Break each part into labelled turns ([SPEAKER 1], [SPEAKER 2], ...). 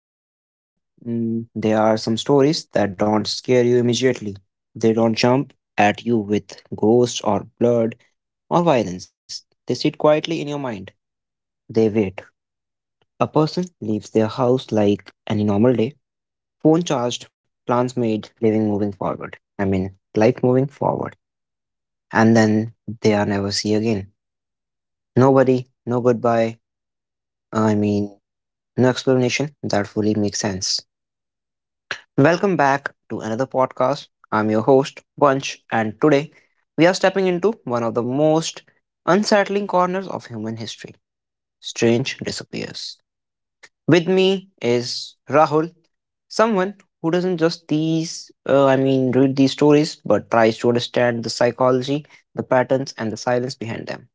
[SPEAKER 1] guys, you know, there are some stories that don't scare you immediately. They don't jump at you with ghosts or blood or violence. They sit quietly in your mind. They wait. A person leaves their house like any normal day, phone charged, plans made, living moving forward. I mean, life moving forward. And then they are never see again. Nobody, no goodbye. I mean, no explanation that fully makes sense. Welcome back to another podcast. I'm your host, Bunch, and today we are stepping into one of the most unsettling corners of human history strange disappears. With me is Rahul, someone who doesn't just read these stories, but tries to understand the psychology, the patterns, and the silence behind them.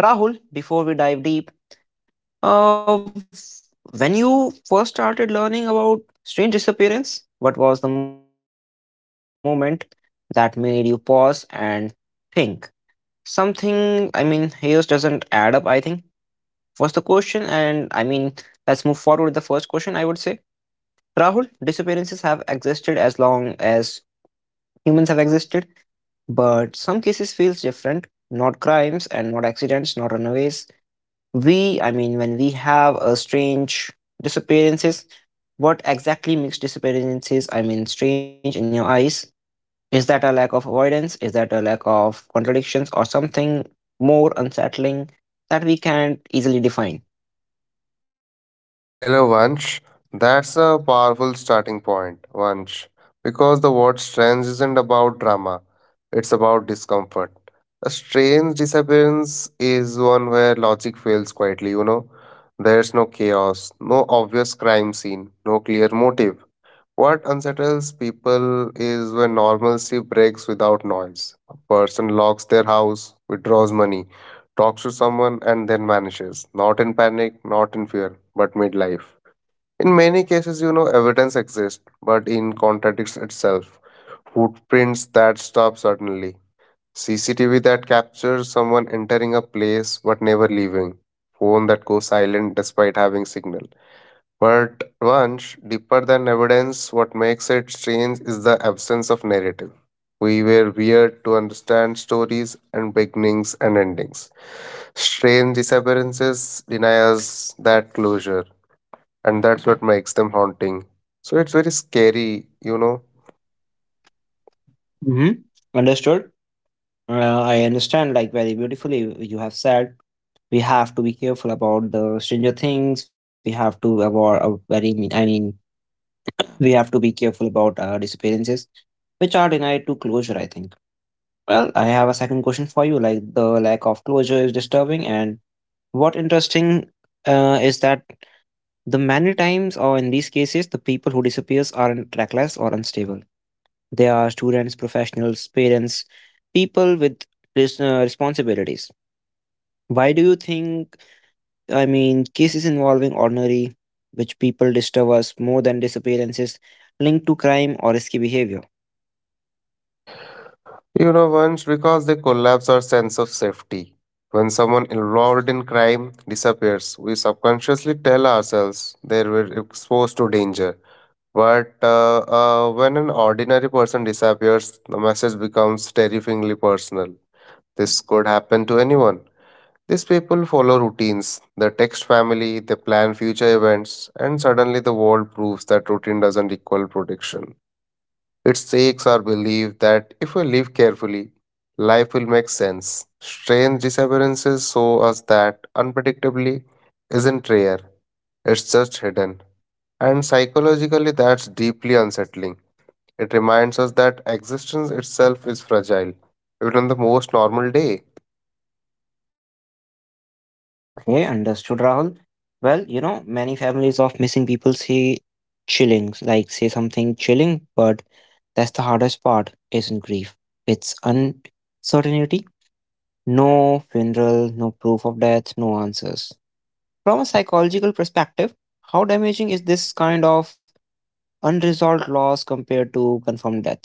[SPEAKER 1] Rahul, before we dive deep, uh, f- when you first started learning about strange disappearance, what was the moment that made you pause and think? Something, I mean, here doesn't add up, I think, was the question. And I mean, let's move forward with the first question, I would say. Rahul, disappearances have existed as long as humans have existed, but some cases feels different. Not crimes and not accidents, not runaways, when we have a strange disappearances, what exactly makes disappearances, I mean, strange in your eyes? Is that a lack of avoidance? Is that a lack of contradictions or something more unsettling that we can't easily define?
[SPEAKER 2] Hello, Vansh. That's a powerful starting point, Vansh, because the word strange isn't about drama, it's about discomfort. A strange disappearance is one where logic fails quietly. You know. There's no chaos, no obvious crime scene, no clear motive. What unsettles people is when normalcy breaks without noise. A person locks their house, withdraws money, talks to someone, and then vanishes. Not in panic, not in fear, but midlife. In many cases, you know, evidence exists, but in contradicts itself. Footprints that stop suddenly. CCTV that captures someone entering a place but never leaving. Phone that goes silent despite having signal. But once deeper than evidence, what makes it strange is the absence of narrative. We were weird to understand stories and beginnings and endings. Strange disappearances deny us that closure, and that's what makes them haunting. So it's very scary. You know.
[SPEAKER 1] Mm-hmm. Understood. I understand, like, very beautifully, you have said we have to be careful about the stranger things. We have to avoid, very, mean- I mean, we have to be careful about disappearances, which are denied to closure, I think. Well, I have a second question for you. Like the lack of closure is disturbing, and what interesting is that the many times, or in these cases, the people who disappears are in- trackless or unstable. They are students, professionals, parents, people with responsibilities. Why do you think? I mean, cases involving ordinary, which people disturb us more than disappearances, linked to crime or risky behavior?
[SPEAKER 2] You know, once because they collapse our sense of safety. When someone involved in crime disappears, we subconsciously tell ourselves they were exposed to danger. But when an ordinary person disappears, the message becomes terrifyingly personal. This could happen to anyone. These people follow routines. They text family, they plan future events, and suddenly the world proves that routine doesn't equal protection. Its seeks our belief that if we live carefully, life will make sense. Strange disappearances show us that unpredictably isn't rare, it's just hidden. And psychologically, that's deeply unsettling. It reminds us that existence itself is fragile, even on the most normal day.
[SPEAKER 1] Okay, understood, Rahul. Well, you know, many families of missing people say chillings, like say something chilling, but that's the hardest part, isn't grief. It's uncertainty, no funeral, no proof of death, no answers. From a psychological perspective, how damaging is this kind of unresolved loss compared to confirmed death?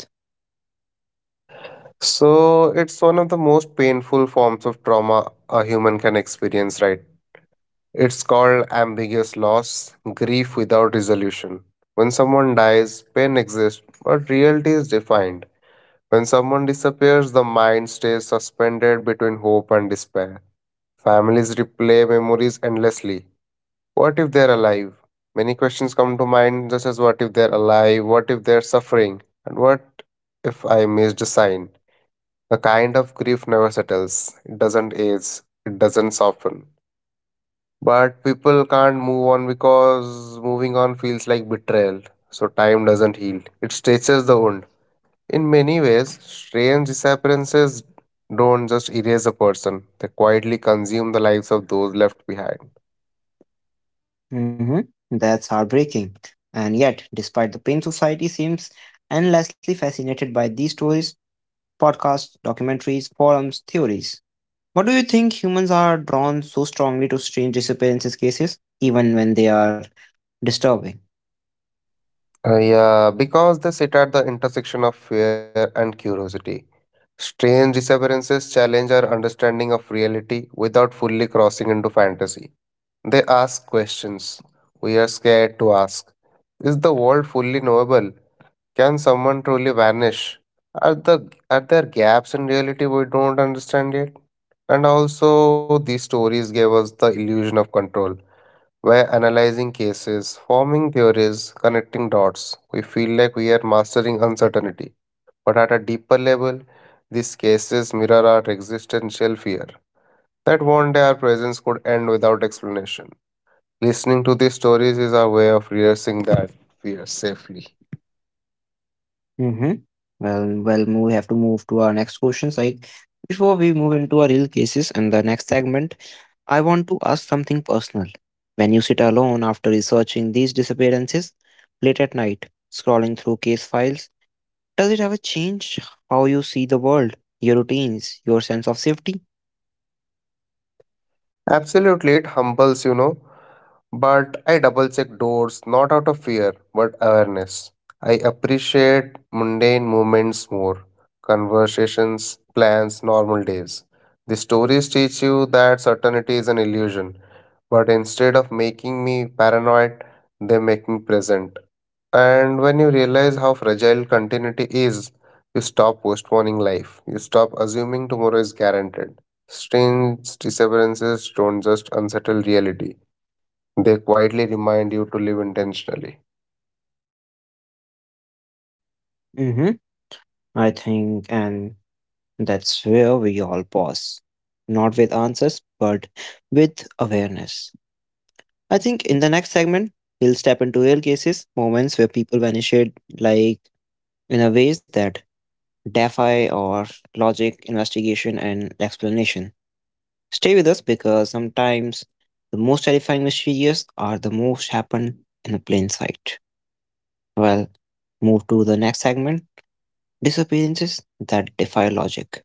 [SPEAKER 2] So, it's one of the most painful forms of trauma a human can experience, right? It's called ambiguous loss, grief without resolution. When someone dies, pain exists, but reality is defined. When someone disappears, the mind stays suspended between hope and despair. Families replay memories endlessly. What if they're alive? Many questions come to mind, just as what if they're alive, what if they're suffering, and what if I missed a sign? The kind of grief never settles, it doesn't age, it doesn't soften. But people can't move on because moving on feels like betrayal. So time doesn't heal, it stretches the wound. In many ways, strange disappearances don't just erase a person, they quietly consume the lives of those left behind.
[SPEAKER 1] Hmm. That's heartbreaking. And yet, despite the pain, society seems endlessly fascinated by these stories podcasts, documentaries, forums, theories. What do you think humans are drawn so strongly to strange disappearances cases, even when they are disturbing?
[SPEAKER 2] Yeah, because they sit at the intersection of fear and curiosity. Strange disappearances challenge our understanding of reality without fully crossing into fantasy. They ask questions we are scared to ask. Is the world fully knowable? Can someone truly vanish? Are there gaps in reality we don't understand yet? And also these stories gave us the illusion of control. By analyzing cases, forming theories, connecting dots, we feel like we are mastering uncertainty. But at a deeper level, these cases mirror our existential fear that one day our presence could end without explanation. Listening to these stories is our way of rehearsing that fear safely.
[SPEAKER 1] Mm-hmm. Well, we have to move to our next questions. I before we move into our real cases and the next segment, I want to ask something personal. When you sit alone after researching these disappearances late at night, scrolling through case files, does it ever change how you see the world, your routines, your sense of safety?
[SPEAKER 2] Absolutely, it humbles. You know. But I double check doors not out of fear but awareness. I appreciate mundane moments more, conversations, plans, normal days. The stories teach you that certainty is an illusion, but instead of making me paranoid, they make me present. And when you realize how fragile continuity is, you stop postponing life. You stop assuming tomorrow is guaranteed. Strange disappearances don't just unsettle reality, they quietly remind you to live intentionally.
[SPEAKER 1] I think, and that's where we all pause. Not with answers, but with awareness. I think in the next segment, we'll step into real cases, moments where people vanished like in a ways that defy or logic, investigation, and explanation. Stay with us because sometimes the most terrifying mysteries are the most happen in plain sight. Well, move to the next segment, disappearances that defy logic.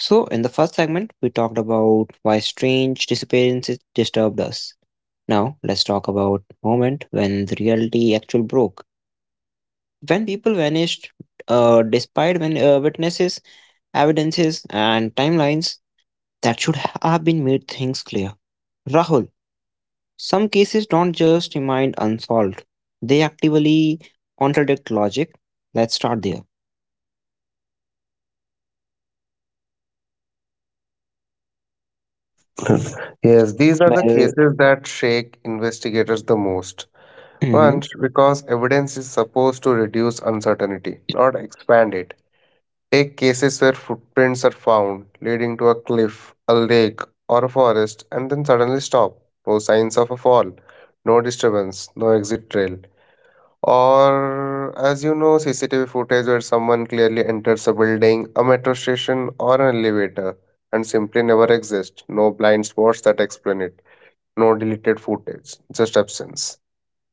[SPEAKER 1] So, in the first segment, we talked about why strange disappearances disturbed us. Now, let's talk about moment when the reality actually broke. When people vanished, despite when witnesses, evidences, and timelines that should have been made things clear. Rahul, some cases don't just remain unsolved; they actively contradict logic. Let's start there.
[SPEAKER 2] Yes, these are the
[SPEAKER 1] Well,
[SPEAKER 2] cases that shake investigators the most.
[SPEAKER 1] mm-hmm,
[SPEAKER 2] One, because evidence is supposed to reduce uncertainty, not expand it. A cases where footprints are found leading to a cliff, a lake, or a forest, and then suddenly stop. No signs of a fall, no disturbance, no exit trail. Or, as you know, CCTV footage where someone clearly enters a building, a metro station, or an elevator and simply never exists. No blind spots that explain it, no deleted footage, just absence.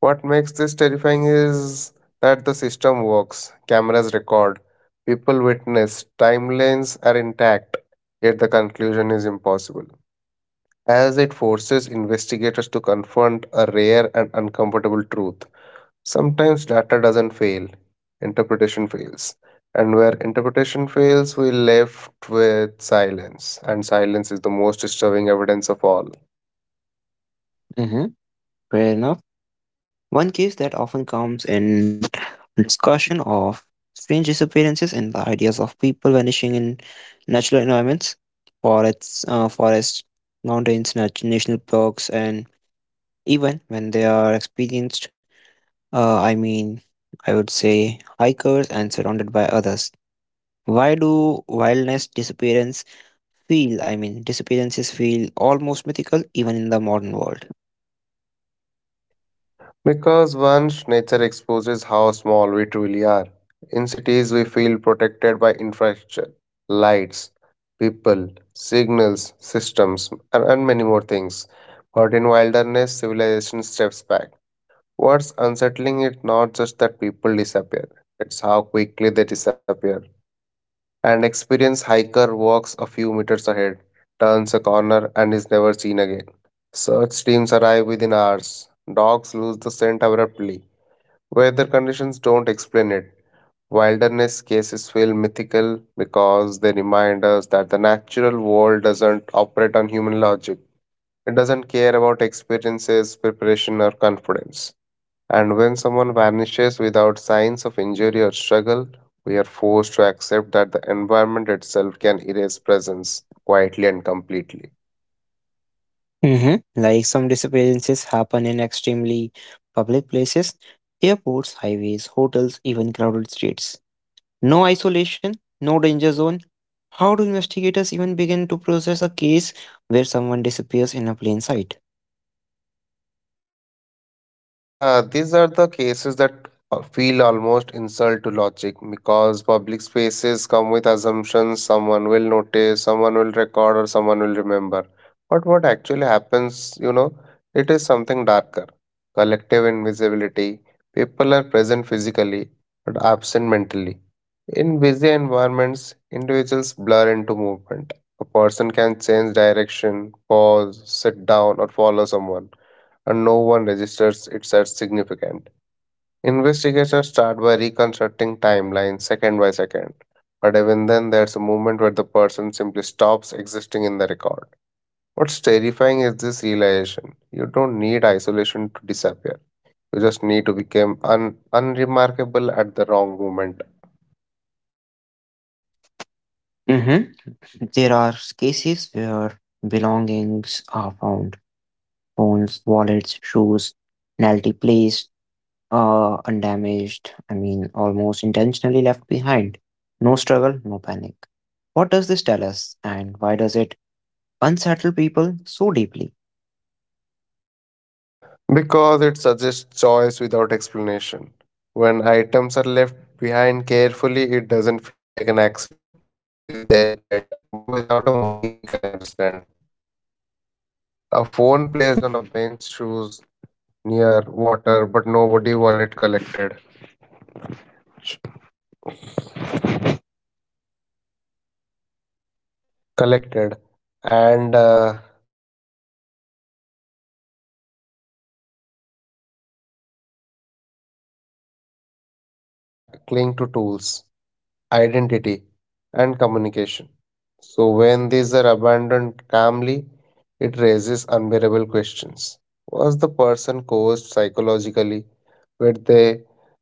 [SPEAKER 2] What makes this terrifying is that the system works, cameras record, people witness, timelines are intact, yet the conclusion is impossible. As it forces investigators to confront a rare and uncomfortable truth. Sometimes data doesn't fail, interpretation fails. And where interpretation fails, we're left with silence. And silence is the most disturbing evidence of all.
[SPEAKER 1] mm-hmm, fair enough. One case that often comes in discussion of strange disappearances and the ideas of people vanishing in natural environments, forests, mountains, national parks, and even when they are experienced, uh, I mean, I would say hikers and surrounded by others. Why do wildness disappearance feel? I mean, disappearances feel almost mythical even in the modern world.
[SPEAKER 2] Because once nature exposes how small we truly are, in cities we feel protected by infrastructure, lights, people, signals, systems, and many more things. But in wilderness, civilization steps back. What's unsettling is not just that people disappear, it's how quickly they disappear. An experienced hiker walks a few meters ahead, turns a corner, and is never seen again. Search teams arrive within hours. Dogs lose the scent abruptly. Weather conditions don't explain it. Wilderness cases feel mythical because they remind us that the natural world doesn't operate on human logic. It doesn't care about experiences, preparation, or confidence. And when someone vanishes without signs of injury or struggle, we are forced to accept that the environment itself can erase presence quietly and completely.
[SPEAKER 1] Hmm. Like some disappearances happen in extremely public places, airports, highways, hotels, even crowded streets. No isolation, no danger zone. How do investigators even begin to process a case where someone disappears in a plain sight?
[SPEAKER 2] Yeah, these are the cases that feel almost insult to logic because public spaces come with assumptions someone will notice, someone will record, or someone will remember. But what actually happens, you know, it is something darker, collective invisibility. People are present physically but absent mentally. In busy environments, individuals blur into movement. A person can change direction, pause, sit down, or follow someone and no one registers it as significant. Investigators start by reconstructing timelines second by second, but even then, there's a moment where the person simply stops existing in the record. What's terrifying is this realization: you don't need isolation to disappear, you just need to become unremarkable at the wrong moment.
[SPEAKER 1] Mm-hmm. There are cases where belongings are found phones, wallets, shoes, penalty plays, undamaged, I mean, almost intentionally left behind. No struggle, no panic. What does this tell us, and why does it unsettle people so deeply?
[SPEAKER 2] Because it suggests choice without explanation. When items are left behind carefully, it doesn't feel like an accident. It feels deliberate, but without a motive we can understand. A phone placed on a bench, shoes near water, but nobody wallet collected. Collected, and when items are left behind, and it contradicts survival instinct. Most human cla cling to tools, identity, and communication. So, when these are abandoned calmly, it raises unbearable questions. Was the person coerced psychologically? Were they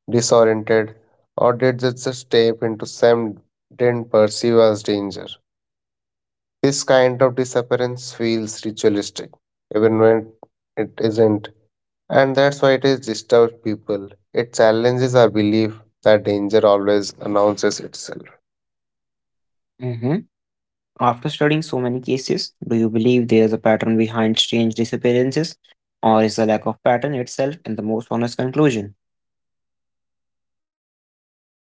[SPEAKER 2] disoriented? Or did they just step into some didn't perceive as danger? This kind of disappearance feels ritualistic, even when it isn't. And that's why it is disturbs people. It challenges our belief that danger always announces itself.
[SPEAKER 1] Hmm. After studying so many cases, do you believe there's a pattern behind strange disappearances, or is the lack of pattern itself in the most honest conclusion?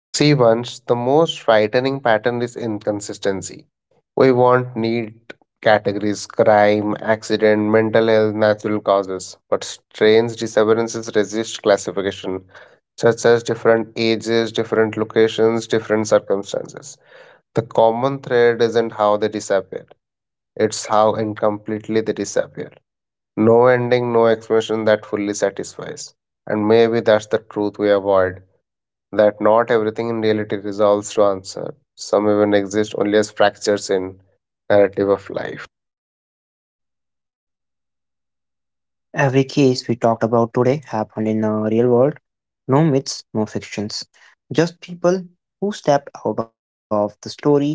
[SPEAKER 2] See, once the most frightening pattern is inconsistency. We want neat categories: crime, accident, mental health, natural causes, but strange disappearances resist classification, such as different ages, different locations, different circumstances. The common thread isn't how they disappeared, it's how incompletely they disappear. No ending, no explanation that fully satisfies. And maybe that's the truth we avoid, that not everything in reality resolves to answer. Some even exist only as fractures in narrative of life.
[SPEAKER 1] Every case we talked about today happened in a real world. No myths, no fictions. Just people who stepped out of the story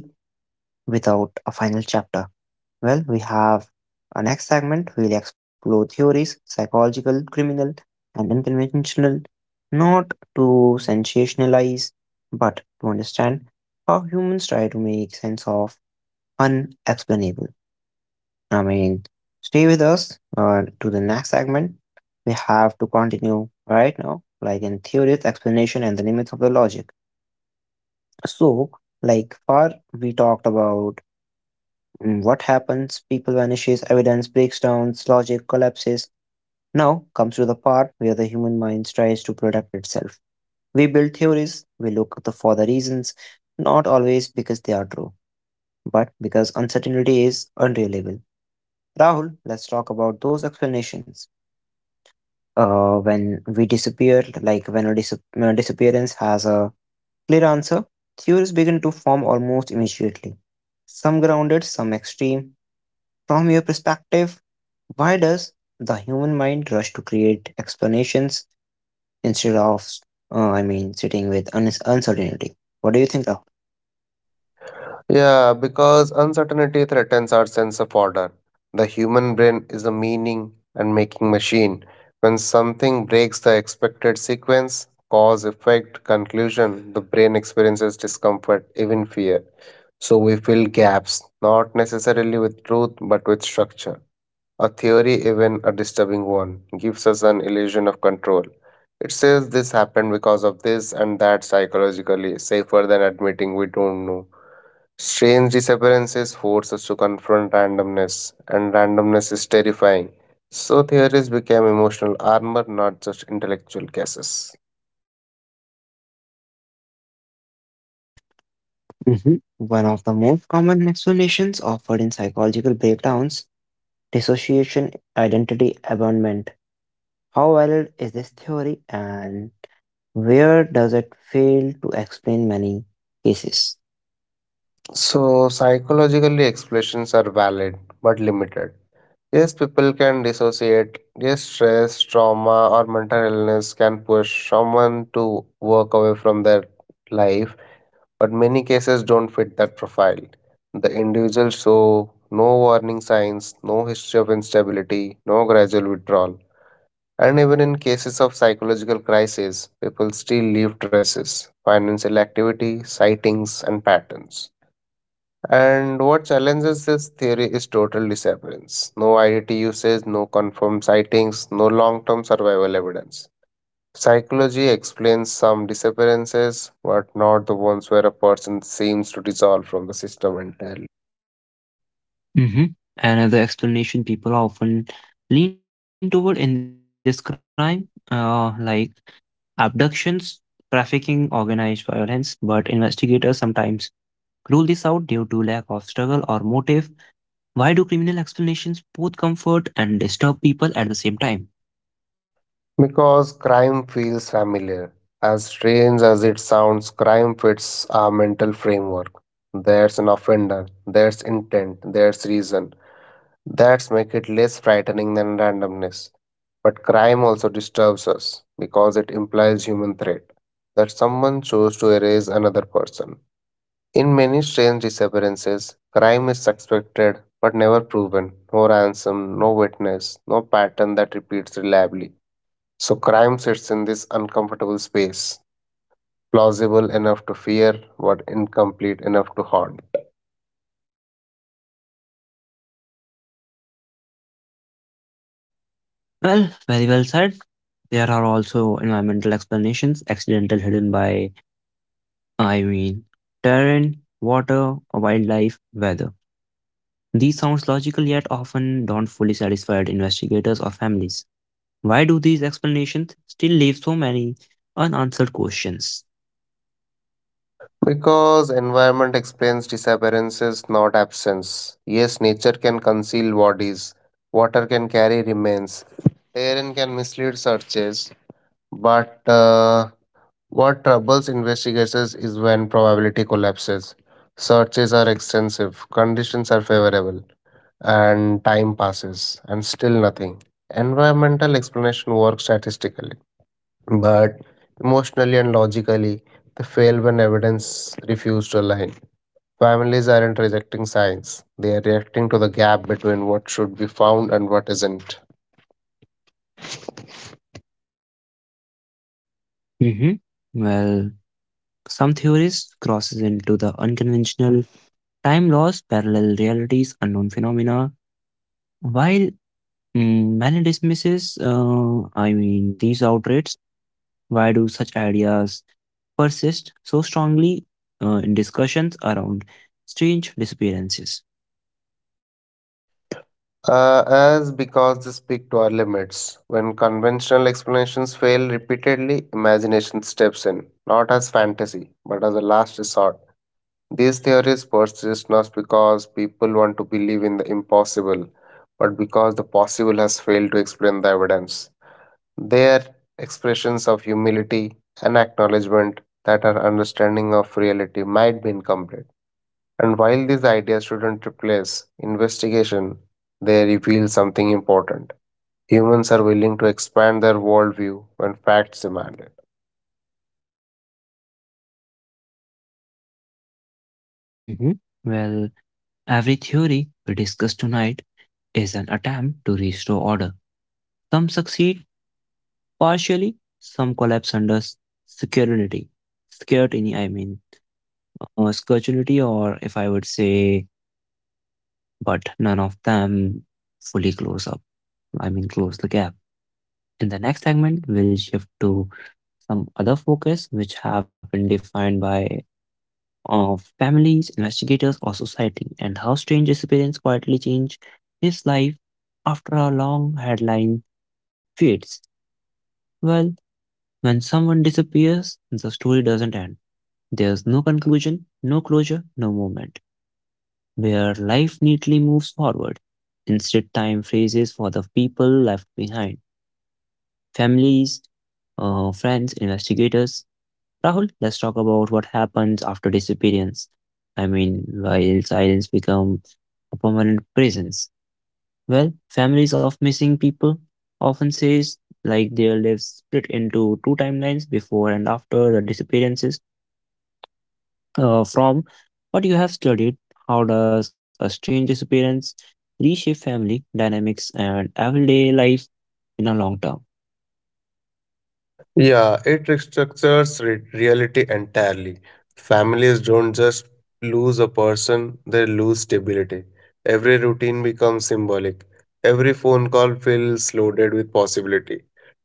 [SPEAKER 1] without a final chapter. Well, we have our next segment. We'll explore theories, psychological, criminal, and unconventional, not to sensationalize, but to understand how humans try to make sense of unexplainable. I mean, stay with us to the next segment. We have to continue right now, like in theories, explanation, and the limits of the logic. So, like far, we talked about what happens? People vanishes, evidence breaks down, logic collapses. Now comes to the part where the human mind tries to protect itself. We build theories, for the reasons, not always because they are true, but because uncertainty is unreliable. Rahul, let's talk about those explanations. When a disappearance has a clear answer, theories begin to form almost immediately. Some grounded, some extreme. From your perspective, why does the human mind rush to create explanations instead of, sitting with uncertainty? What do you think of?
[SPEAKER 2] Yeah, because uncertainty threatens our sense of order. The human brain is a meaning and making machine. When something breaks the expected sequence, cause, effect, conclusion, the brain experiences discomfort, even fear. So we fill gaps, not necessarily with truth, but with structure. A theory, even a disturbing one, gives us an illusion of control. It says this happened because of this, and that psychologically, safer than admitting we don't know. Strange disappearances force us to confront randomness, and randomness is terrifying. So, theories became emotional armor, not just intellectual guesses.
[SPEAKER 1] Mhm. One of the most common explanations offered in psychological breakdowns dissociation, identity, abandonment. How valid is this theory and where does it fail to explain many cases?
[SPEAKER 2] So, psychologically, explanations are valid but limited. Yes, people can dissociate. Yes, stress, trauma, or mental illness can push someone to work away from their life, but many cases don't fit that profile. The individual show no warning signs, no history of instability, no gradual withdrawal. And even in cases of psychological crisis, people still leave traces, financial activity, sightings, and patterns. And what challenges this theory is total disappearance. No IDT usage, no confirmed sightings, no long term survival evidence. Psychology explains some disappearances, but not the ones where a person seems to dissolve from the system entirely.
[SPEAKER 1] Mm-hmm. Another explanation people often lean toward in this crime, like abductions, trafficking, organized violence, but investigators sometimes rule this out due to lack of struggle or motive. Why do criminal explanations both comfort and disturb people at the same time?
[SPEAKER 2] Because crime feels familiar. As strange as it sounds, crime fits our mental framework. There's an offender, there's intent, there's reason. That's make it less frightening than randomness. But crime also disturbs us because it implies human threat, that someone chose to erase another person. In many strange disappearances, crime is suspected but never proven. No ransom, no witness, no pattern that repeats reliably. So crime sits in this uncomfortable space, plausible enough to fear but incomplete enough to haunt.
[SPEAKER 1] Well, very well said. There are also environmental explanations, accidental hidden by, I mean, terrain, water, wildlife, weather. These sounds logical yet often don't fully satisfy investigators or families. Why do these explanations still leave so many unanswered questions?
[SPEAKER 2] Because environment explains disappearances, not absence. Yes, nature can conceal bodies, water can carry remains, terrain can mislead searches, but what troubles investigators is when probability collapses. Searches are extensive, conditions are favorable, and time passes, and still nothing. Environmental explanation works statistically. But emotionally and logically, they fail when evidence refuses to align. Families aren't rejecting science, they are reacting to the gap between what should be found and what isn't.
[SPEAKER 1] Hmm. Well, some theories crosses into the unconventional time laws, parallel realities, unknown phenomena, while many dismisses, these outrages. Why do such ideas persist so strongly in discussions around strange disappearances?
[SPEAKER 2] As because they speak to our limits. When conventional explanations fail repeatedly, imagination steps in, not as fantasy, but as a last resort. These theories persist not because people want to believe in the impossible, but because the possible has failed to explain the evidence. They are expressions of humility and acknowledgement that our understanding of reality might be incomplete. And while these ideas shouldn't replace investigation, they reveal something important. Humans are willing to expand their worldview when facts demand it.
[SPEAKER 1] Hmm. Well, every theory we discuss tonight is an attempt to restore order. Some succeed partially, some collapse under security. Security, I mean, security, or if I would say, but none of them fully close up. I mean, close the gap. In the next segment, we'll shift to some other focus which have been defined by families, investigators, or society, and how strange experience quietly change his life after a long headline fades. Well, when someone disappears, the story doesn't end. There's no conclusion, no closure, no moment where life neatly moves forward. Instead, time phrases for the people left behind families, friends, investigators. Rahul, let's talk about what happens after disappearance. I mean, while silence becomes a permanent presence. Well, families of missing people often says like their lives split into two timelines before and after the disappearances. From what you have studied, how does a strange disappearance reshape family dynamics and everyday life in a long term?
[SPEAKER 2] Yeah, it restructures reality entirely. Families don't just lose a person, they lose stability. Every routine becomes symbolic. Every phone call feels loaded with possibility.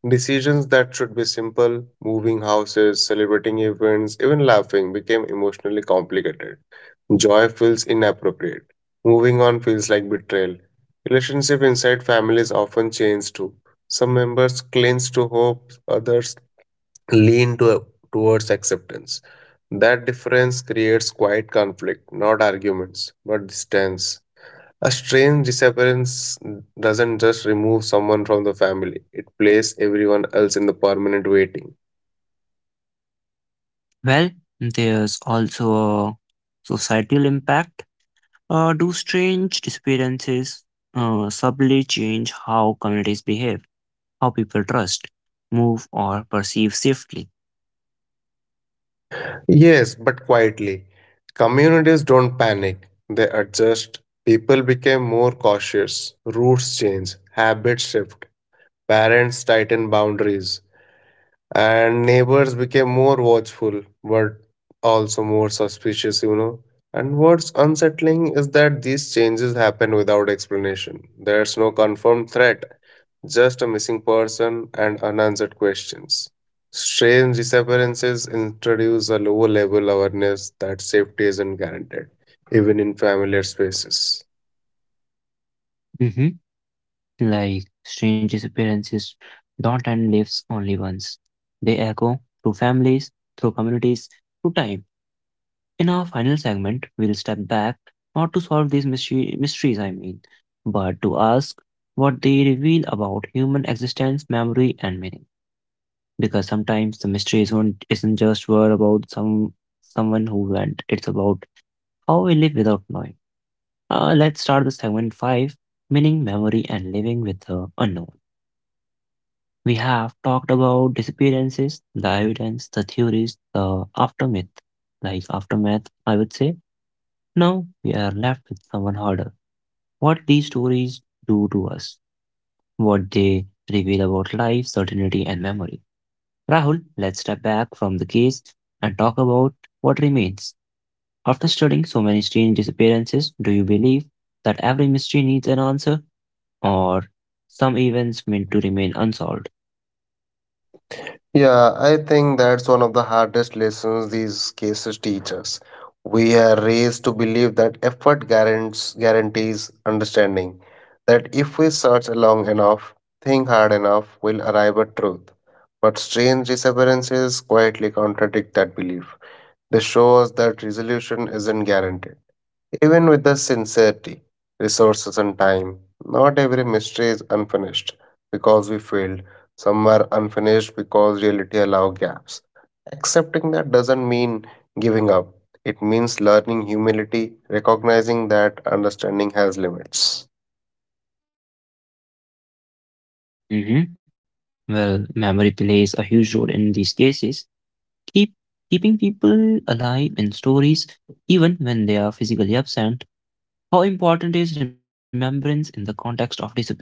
[SPEAKER 2] Decisions that should be simple, moving houses, celebrating events, even laughing, became emotionally complicated. Joy feels inappropriate. Moving on feels like betrayal. Relationship inside families often change too. Some members cling to hope, others lean to, towards acceptance. That difference creates quiet conflict, not arguments, not distance. A strange disappearance doesn't just remove someone from the family, it places everyone else in the permanent waiting.
[SPEAKER 1] Well, there's also a societal impact. Do strange disappearances subtly change how communities behave, how people trust, move, or perceive safely?
[SPEAKER 2] Yes, but quietly. Communities don't panic, they adjust. People become more cautious, roots change, habits shift, parents tighten boundaries. And neighbors became more watchful, but also more suspicious. And what's unsettling is that these changes happen without explanation. There's no confirmed threat, just a missing person and unanswered questions. Strange disappearances introduce a low level awareness that safety isn't guaranteed, even in familiar spaces.
[SPEAKER 1] Like strange disappearances don't end lives only once. They echo through families, through communities, through time. In our final segment, we'll step back not to solve these mysteries, I mean, but to ask what they reveal about human existence, memory, and meaning. Because sometimes the mystery isn't just word about someone who went; it's about how we live without knowing. Let's start the segment five, meaning, memory, and living with the unknown. We have talked about disappearances, the evidence, the theories, the aftermath, like aftermath, I would say. Now we are left with someone harder. What these stories do to us, what they reveal about life, certainty, and memory. Rahul, let's step back from the case and talk about what remains. After studying so many strange disappearances, do you believe that every mystery needs an answer, or some events meant to remain unsolved?
[SPEAKER 2] Yeah, I think that's one of the hardest lessons these cases teach us. We are raised to believe that guarantees understanding, that if we search long enough, think hard enough, we'll arrive at truth. But strange disappearances quietly contradict that belief. They show us that resolution isn't guaranteed. Even with the sincerity, resources, and time, not every mystery is unfinished because we failed. Some are unfinished because reality allows gaps. Accepting that doesn't mean giving up, it means learning humility, recognizing that understanding has limits.
[SPEAKER 1] Hmm. Well, memory plays a huge role in these cases, keep keeping people alive in stories even when they are physically absent. How important is remembrance in the context of disappearance?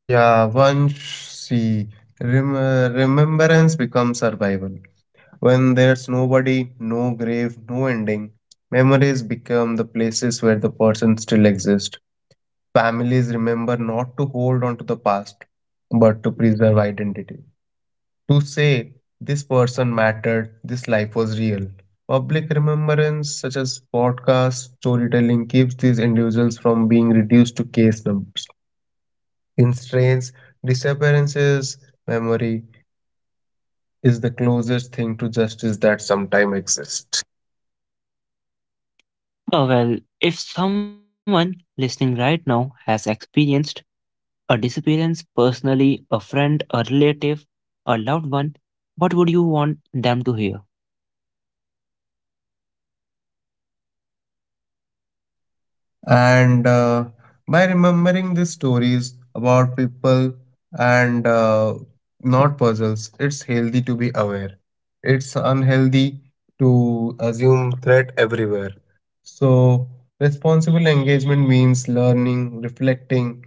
[SPEAKER 2] Yeah, once see, remembrance becomes survival. When there's nobody, no grave, no ending, memories become the places where the person still exists. Families remember not to hold on to the past, but to preserve identity. To say, this person mattered, this life was real. Public remembrance, such as podcasts, storytelling, keeps these individuals from being reduced to case numbers. In strains, disappearances, memory is the closest thing to justice that sometimes exists.
[SPEAKER 1] Oh, well, if someone listening right now has experienced a disappearance personally, a friend, a relative, a loved one, what would you want them to hear?
[SPEAKER 2] And By remembering these stories about people and not puzzles, it's healthy to be aware. It's unhealthy to assume threat everywhere. So, responsible engagement means learning, reflecting,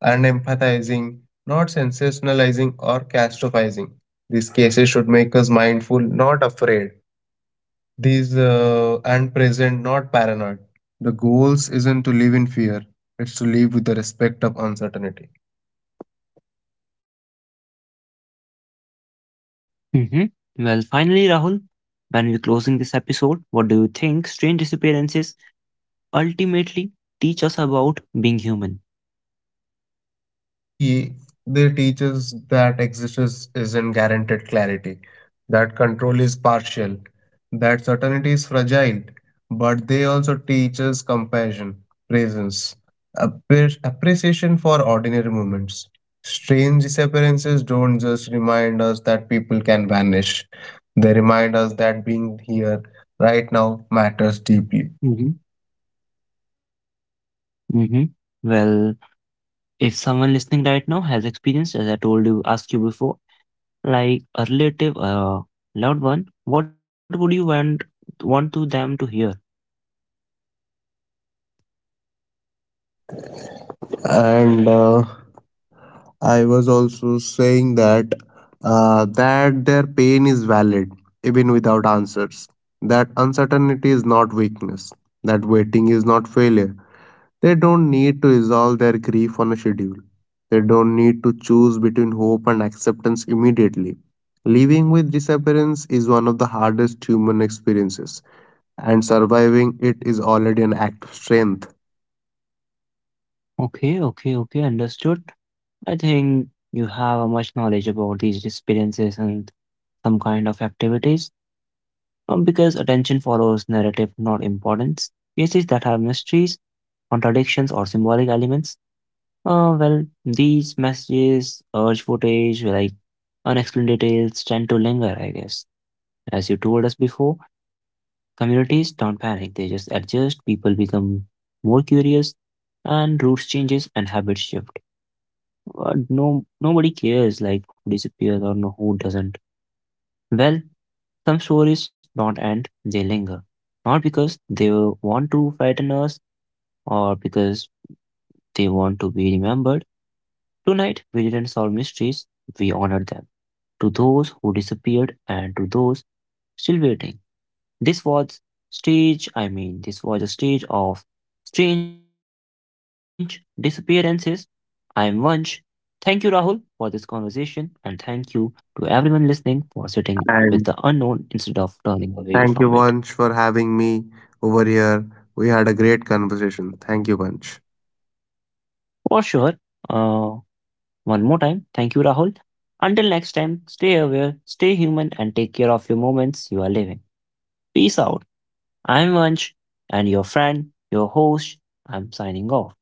[SPEAKER 2] and empathizing, not sensationalizing or catastrophizing. These cases should make us mindful, not afraid these and present, not paranoid. The goals isn't to live in fear, it's to live with the respect of uncertainty.
[SPEAKER 1] Hmm. Well, finally, Rahul, when we're closing this episode, what do you think strange disappearances ultimately teach us about being human?
[SPEAKER 2] See, they teach us that existence isn't guaranteed clarity, that control is partial, that certainty is fragile, but they also teach us compassion, presence, appreciation for ordinary moments. Strange disappearances don't just remind us that people can vanish, they remind us that being here right now matters deeply.
[SPEAKER 1] hmm hmm Well, if someone listening right now has experienced, as I told you, asked you before, like a relative, a loved one, what would you want to them to hear?
[SPEAKER 2] And I was also saying that their pain is valid even without answers. That uncertainty is not weakness. That waiting is not failure. They don't need to resolve their grief on a schedule. They don't need to choose between hope and acceptance immediately. Living with disappearance is one of the hardest human experiences, and surviving it is already an act of strength.
[SPEAKER 1] Okay, understood. I think you have a much knowledge about these experiences and some kind of activities. Because attention follows narrative, not importance. Cases that have mysteries, contradictions, or symbolic elements well, these messages, urge footage, like unexplained details tend to linger, I guess. As you told us before, communities don't panic, they just adjust, people become more curious, and routes changes and habits shift. But no, nobody cares like who disappears or no, who doesn't. Well, some stories don't end, they linger. Not because they want to frighten us or because they want to be remembered. Tonight, we didn't solve mysteries, we honored them. To those who disappeared and to those still waiting. This was this was a stage of strange disappearances. I am Vansh. Thank you, Rahul, for this conversation, and thank you to everyone listening for sitting with the unknown
[SPEAKER 2] And
[SPEAKER 1] instead of turning away from it.
[SPEAKER 2] thank you, Vansh, for having me over here. We had a great conversation. Thank you, Vansh.
[SPEAKER 1] For sure, uh, one more time, thank you, Rahul. Until next time, stay aware, stay human, and take care of your moments you are living. Peace out. I'm Vansh, and your friend, your host. I'm signing off.